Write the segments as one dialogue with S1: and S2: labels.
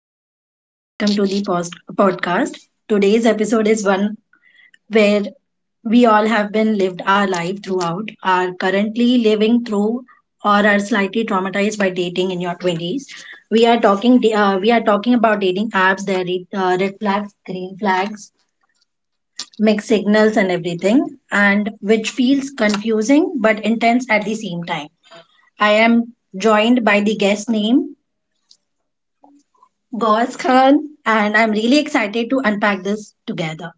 S1: Hello, everyone. Welcome to the podcast. Today's episode is one where we all have been lived our life throughout, are currently living through, or are slightly traumatized by dating in your 20s. We are talking about dating apps, red flags, green flags, mixed signals, and everything, and which feels confusing but intense at the same time. I am joined by the guest name Gauze Khan, and I'm really excited to unpack this together.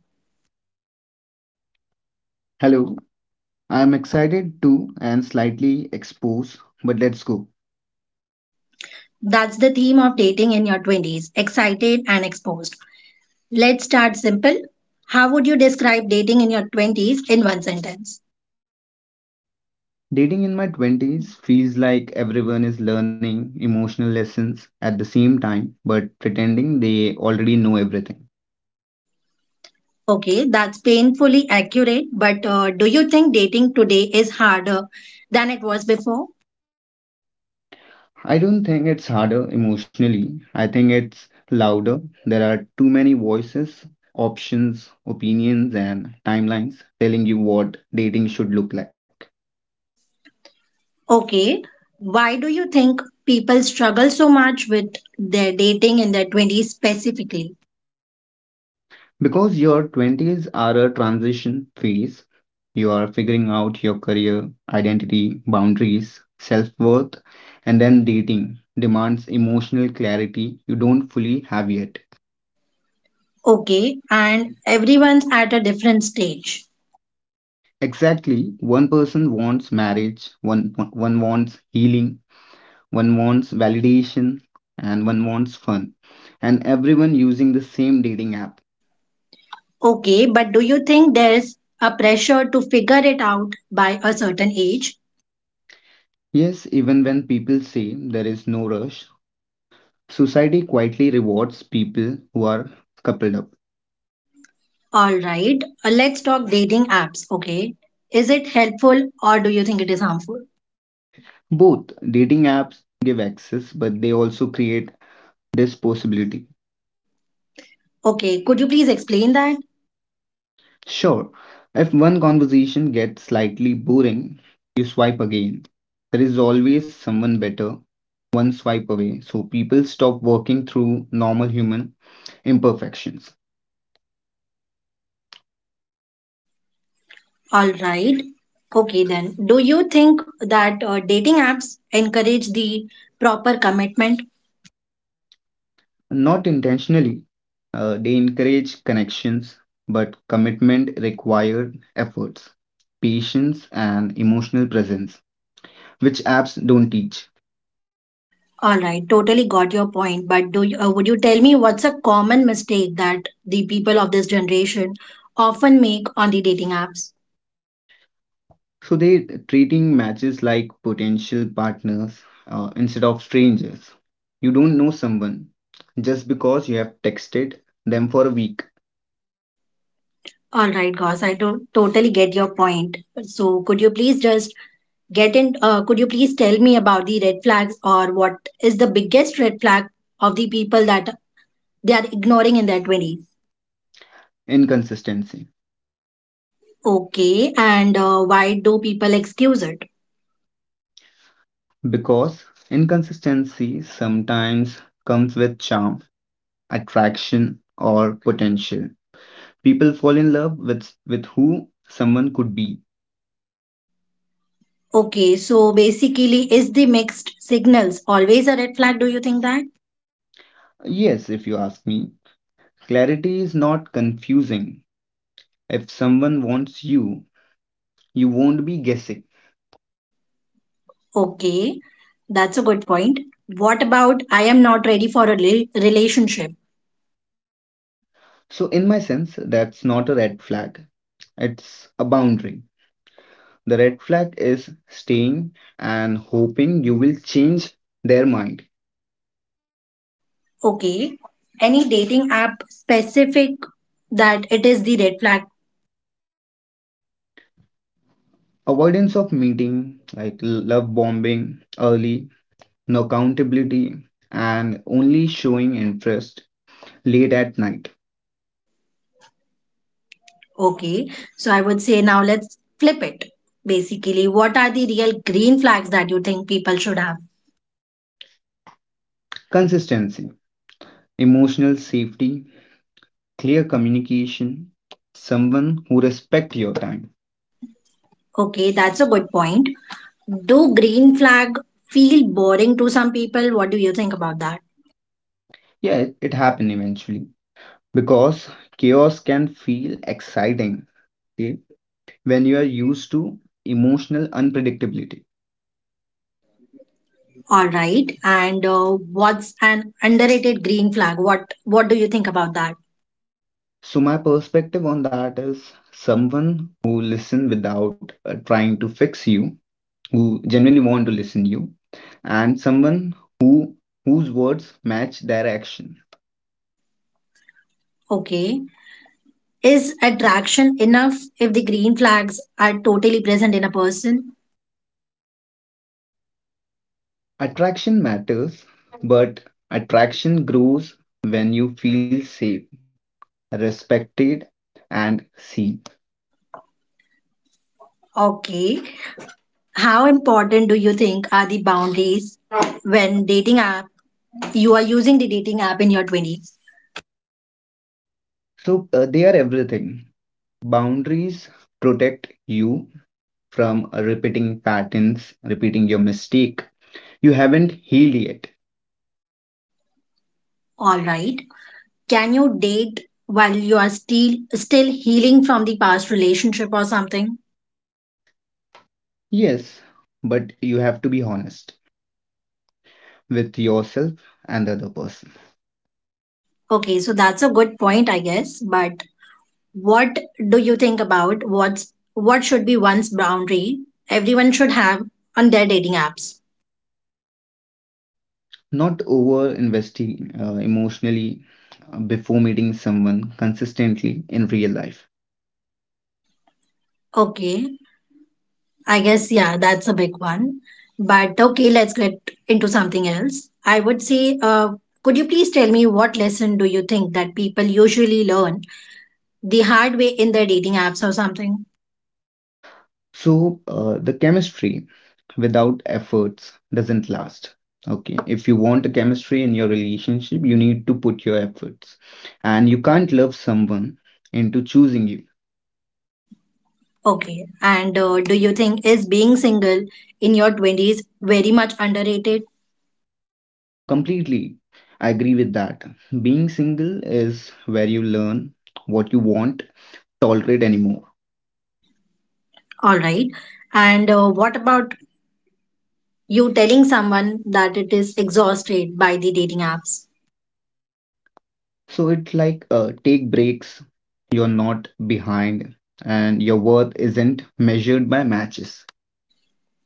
S2: Hello, I am excited too and slightly exposed, but let's go.
S1: That's the theme of dating in your 20s, excited and exposed. Let's start simple. How would you describe dating in your 20s in one sentence?
S2: Dating in my 20s feels like everyone is learning emotional lessons at the same time, but pretending they already know everything.
S1: Okay, that's painfully accurate, but do you think dating today is harder than it was before?
S2: I don't think it's harder emotionally, I think it's louder. There are too many voices, options, opinions, and timelines telling you what dating should look like.
S1: Okay, why do you think people struggle so much with their dating in their 20s specifically?
S2: Because your 20s are a transition phase, you are figuring out your career, identity, boundaries, self worth, and then dating demands emotional clarity you don't fully have yet.
S1: Okay, and everyone's at a different stage.
S2: Exactly, one person wants marriage, one wants healing, one wants validation, and one wants fun. And everyone using the same dating app.
S1: Okay, but do you think there's a pressure to figure it out by a certain age?
S2: Yes, even when people say there is no rush, society quietly rewards people who are coupled up.
S1: All right, let's talk dating apps. Okay, is it helpful or do you think it is harmful?
S2: Both dating apps give access, but they also create this possibility.
S1: Okay, could you please explain that?
S2: Sure, if one conversation gets slightly boring, you swipe again. There is always someone better, one swipe away. So people stop working through normal human imperfections.
S1: All right. Okay, then, do you think that dating apps encourage the proper commitment?
S2: Not intentionally, they encourage connections, but commitment required efforts, patience, and emotional presence, which apps don't teach.
S1: All right, totally got your point. But would you tell me what's a common mistake that the people of this generation often make on the dating apps?
S2: So they treating matches like potential partners instead of strangers. You don't know someone just because you have texted them for a week.
S1: All right, Gauss, I don't totally get your point. So, could you please just get in? Could you please tell me about the red flags, or what is the biggest red flag of the people that they are ignoring in their 20s?
S2: Inconsistency.
S1: Okay, and why do people excuse it?
S2: Because inconsistency sometimes comes with charm, attraction, or potential. People fall in love with who someone could be.
S1: Okay, so basically, is the mixed signals always a red flag? Do you think that?
S2: Yes, if you ask me, clarity is not confusing. If someone wants you, you won't be guessing.
S1: Okay, that's a good point. What about I am not ready for a relationship?
S2: So, in my sense, that's not a red flag, it's a boundary. The red flag is staying and hoping you will change their mind.
S1: Okay. Any dating app specific that it is the red flag?
S2: Avoidance of meeting, like love bombing early, no accountability, and only showing interest late at night.
S1: Okay. So I would say now let's flip it. Basically, what are the real green flags that you think people should have?
S2: Consistency, emotional safety, clear communication, someone who respects your time.
S1: Okay, that's a good point. Do green flag feel boring to some people? What do you think about that?
S2: Yeah, it happened eventually, because chaos can feel exciting, okay, when you are used to emotional unpredictability.
S1: All right. And what's an underrated green flag? What do you think about that?
S2: So, my perspective on that is someone who listen without trying to fix you, who genuinely want to listen you, and someone whose words match their action.
S1: Okay. Is attraction enough if the green flags are totally present in a person?
S2: Attraction matters, but attraction grows when you feel safe, respected, and seen.
S1: Okay. How important do you think are the boundaries when dating app you are using the dating app in your 20s?
S2: So, they are everything. Boundaries protect you from repeating patterns, repeating your mistake. You haven't healed yet.
S1: All right. Can you date while you are still healing from the past relationship or something?
S2: Yes, but you have to be honest with yourself and the other person.
S1: Okay, so that's a good point, I guess, but what do you think about what's what should be one's boundary everyone should have on their dating apps?
S2: Not over investing emotionally before meeting someone consistently in real life.
S1: Okay, I guess, yeah, that's a big one. But okay, let's get into something else. I would say, could you please tell me what lesson do you think that people usually learn the hard way in their dating apps or something?
S2: So, the chemistry without efforts doesn't last. Okay, if you want a chemistry in your relationship, you need to put your efforts. And you can't love someone into choosing you
S1: Okay. And do you think is being single in your 20s very much underrated?
S2: completely. I agree with that. Being single is where you learn what you want, tolerate anymore.
S1: All right. And what about you telling someone that it is exhausted by the dating apps?
S2: So it's like take breaks, you're not behind, and your worth isn't measured by matches.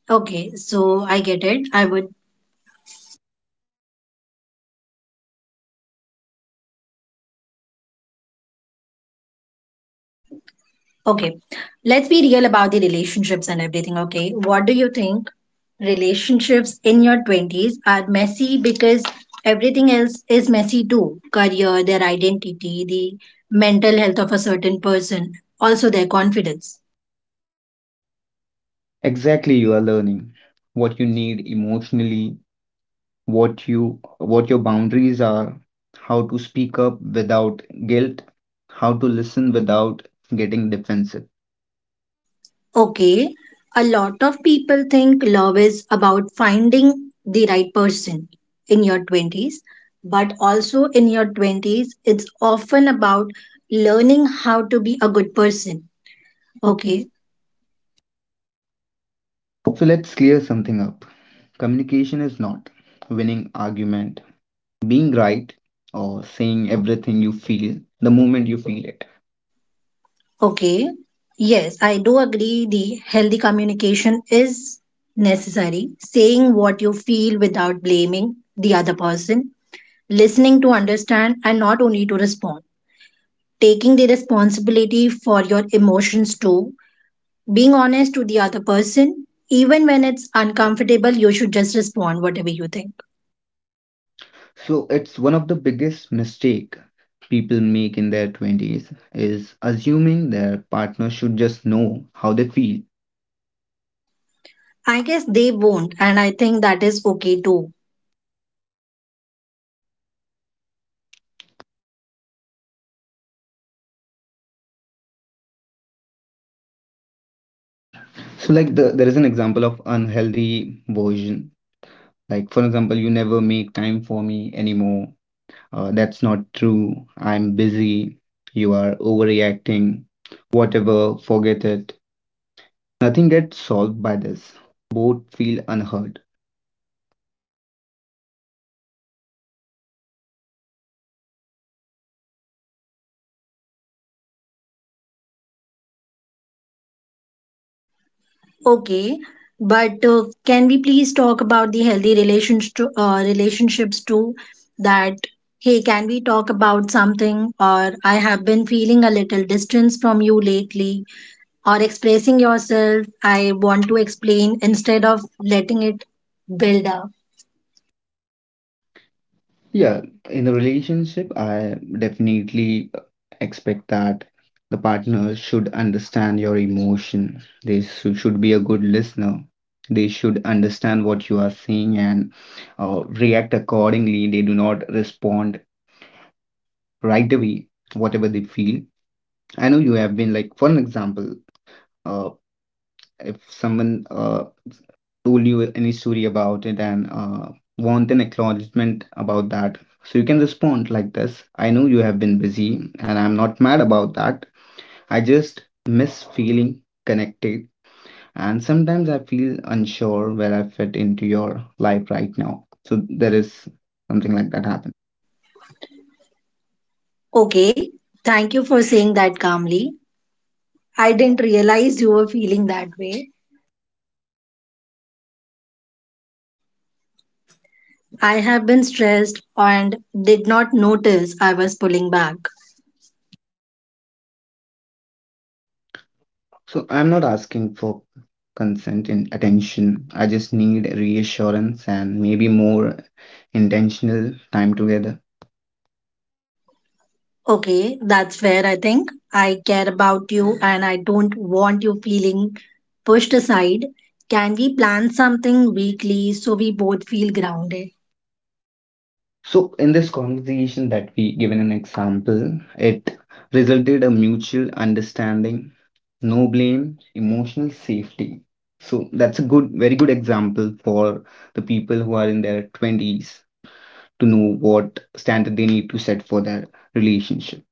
S1: Okay, so I get it. I would Okay, let's be real about the relationships and everything. Okay, what do you think? Relationships in your 20s are messy because everything else is messy too, career, their identity, the mental health of a certain person, also their confidence.
S2: Exactly, you are learning what you need emotionally, what your boundaries are, how to speak up without guilt, how to listen without getting defensive.
S1: Okay, a lot of people think love is about finding the right person in your 20s, but also in your 20s, it's often about learning how to be a good person, okay.
S2: Okay. So let's clear something up. Communication is not winning argument, being right, or saying everything you feel the moment you feel it.
S1: Okay. Yes, I do agree the healthy communication is necessary. Saying what you feel without blaming the other person, listening to understand and not only to respond, taking the responsibility for your emotions too, being honest to the other person, even when it's uncomfortable, you should just respond whatever you think.
S2: So it's one of the biggest mistake people make in their 20s is assuming their partner should just know how they feel.
S1: I guess they won't, and I think that is okay too.
S2: So like there is an example of unhealthy version. Like for example, you never make time for me anymore. That's not true. I'm busy. You are overreacting. Whatever, forget it. Nothing gets solved by this. Both feel unheard.
S1: Okay, but can we please talk about the healthy relationships too? That, hey, can we talk about something? Or I have been feeling a little distance from you lately. Or expressing yourself, I want to explain instead of letting it build up.
S2: Yeah, in a relationship, I definitely expect that the partner should understand your emotion. Should be a good listener. They should understand what you are saying and react accordingly. They do not respond right away, whatever they feel. I know you have been like, for an example, uh, if someone told you any story about it and want an acknowledgement about that. So you can respond like this: I know you have been busy, and I'm not mad about that. I just miss feeling connected, and sometimes I feel unsure where I fit into your life right now. So there is something like that happen.
S1: Okay, thank you for saying that calmly. I didn't realize you were feeling that way. I have been stressed and did not notice I was pulling back.
S2: So I'm not asking for consent and attention. I just need reassurance and maybe more intentional time together.
S1: Okay, that's fair, I think. I care about you and I don't want you feeling pushed aside. Can we plan something weekly so we both feel grounded?
S2: So in this conversation that we given an example, it resulted a mutual understanding, no blame, emotional safety. So that's a good, very good example for the people who are in their 20s to know what standard they need to set for their relationship.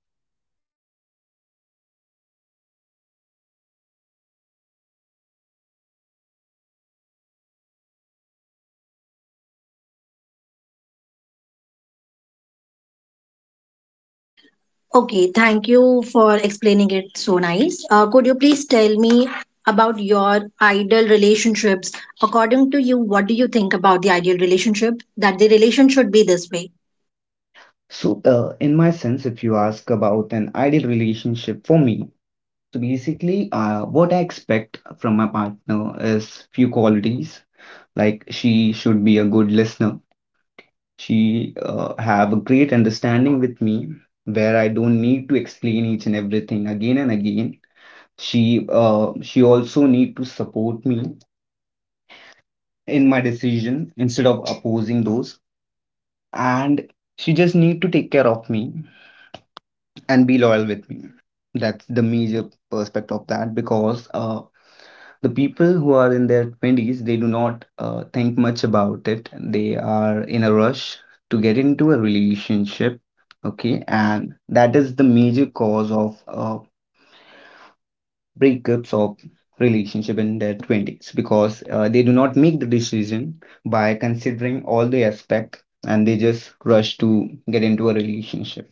S1: Okay, thank you for explaining it so nice. Could you please tell me about your ideal relationships? According to you, what do you think about the ideal relationship? That the relation should be this way.
S2: So in my sense, if you ask about an ideal relationship for me, so basically what I expect from my partner is few qualities like she should be a good listener. She have a great understanding with me where I don't need to explain each and everything again and again. She also need to support me in my decision instead of opposing those, and she just need to take care of me and be loyal with me. That's the major perspective of that because the people who are in their 20s, they do not think much about it, they are in a rush to get into a relationship, okay, and that is the major cause of breakups of relationship in their 20s because they do not make the decision by considering all the aspect, and they just rush to get into a relationship,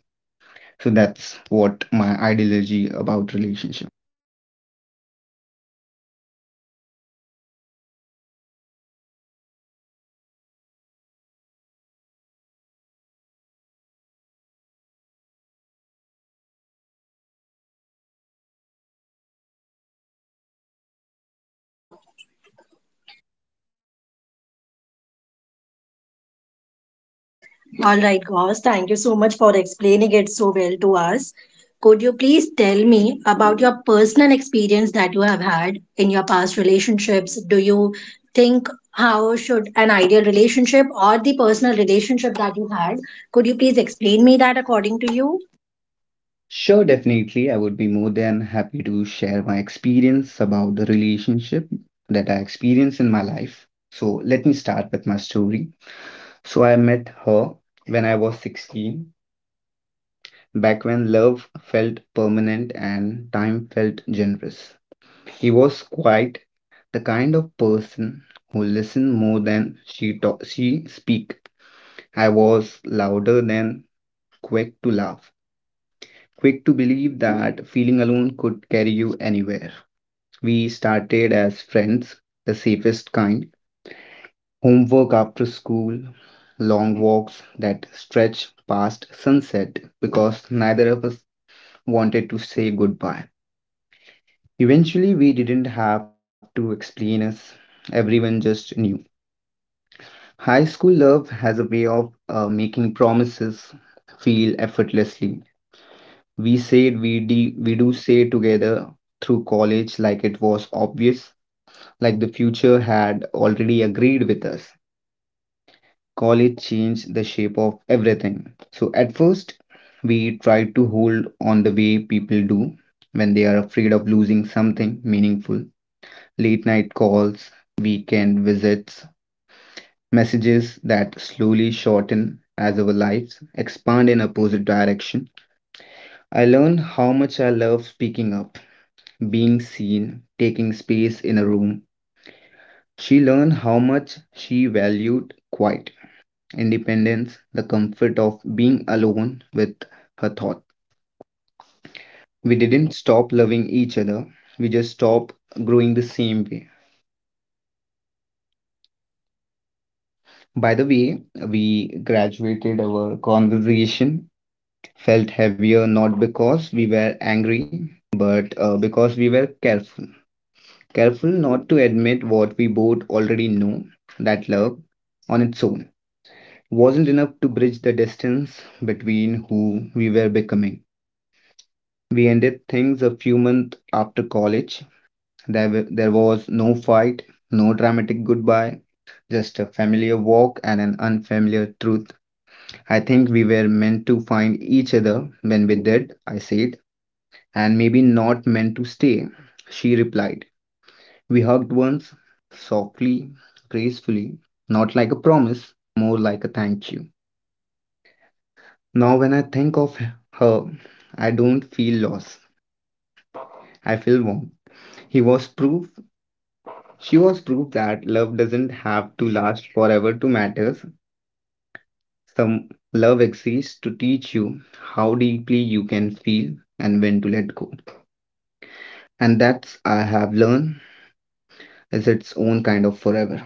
S2: so that's what my ideology about relationship.
S1: All right, Gauss, thank you so much for explaining it so well to us. Could you please tell me about your personal experience that you have had in your past relationships? Do you think how should an ideal relationship or the personal relationship that you had? Could you please explain me that according to you?
S2: Sure, definitely. I would be more than happy to share my experience about the relationship that I experienced in my life. So, let me start with my story. So, I met her when I was 16, back when love felt permanent and time felt generous. He was quite the kind of person who listened more than she speak. I was louder than quick to laugh, quick to believe that feeling alone could carry you anywhere. We started as friends, the safest kind. Homework after school, long walks that stretch past sunset because neither of us wanted to say goodbye. Eventually, we didn't have to explain us, everyone just knew. High school love has a way of making promises feel effortlessly. We said we, de- We do say together through college like it was obvious, like the future had already agreed with us. College changed the shape of everything. So at first, we tried to hold on the way people do when they are afraid of losing something meaningful. Late night calls, weekend visits, messages that slowly shorten as our lives expand in opposite direction. I learned how much I love speaking up, being seen, taking space in a room. She learned how much she valued quiet independence, the comfort of being alone with her thoughts. We didn't stop loving each other, we just stopped growing the same way. By the way, we graduated our conversation, felt heavier not because we were angry, but because we were careful. Careful not to admit what we both already know, that love on its own wasn't enough to bridge the distance between who we were becoming. We ended things a few months after college. There was no fight, no dramatic goodbye, just a familiar walk and an unfamiliar truth. "I think we were meant to find each other when we did," I said, "and maybe not meant to stay," she replied. We hugged once, softly, gracefully, not like a promise, more like a thank you. Now, when I think of her, I don't feel loss, I feel warm. He was proof She was proof that love doesn't have to last forever to matter. Some love exists to teach you how deeply you can feel and when to let go. And that's I have learned is its own kind of forever.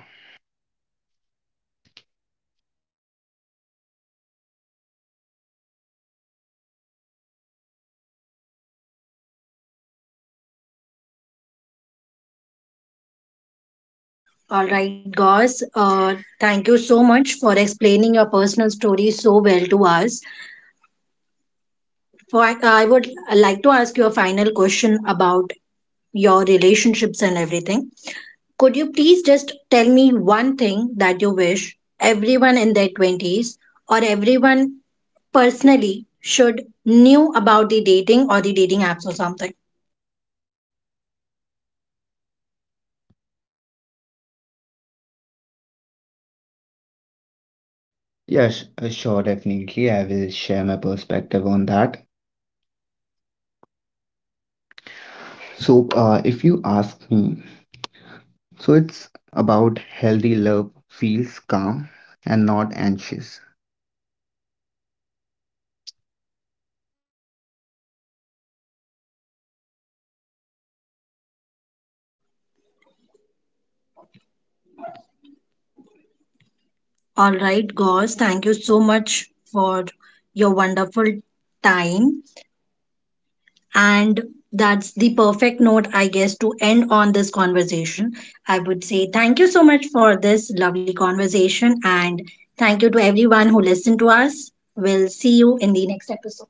S1: All right, Gauss, thank you so much for explaining your personal story so well to us. For, I would like to ask you a final question about your relationships and everything. Could you please just tell me one thing that you wish everyone in their 20s or everyone personally should knew about the dating or the dating apps or something?
S2: Yes, sure, definitely. I will share my perspective on that. So, if you ask me, so it's about healthy love feels calm and not anxious.
S1: All right, Gauze, thank you so much for your wonderful time. And that's the perfect note, I guess, to end on this conversation. I would say thank you so much for this lovely conversation and thank you to everyone who listened to us. We'll see you in the next episode.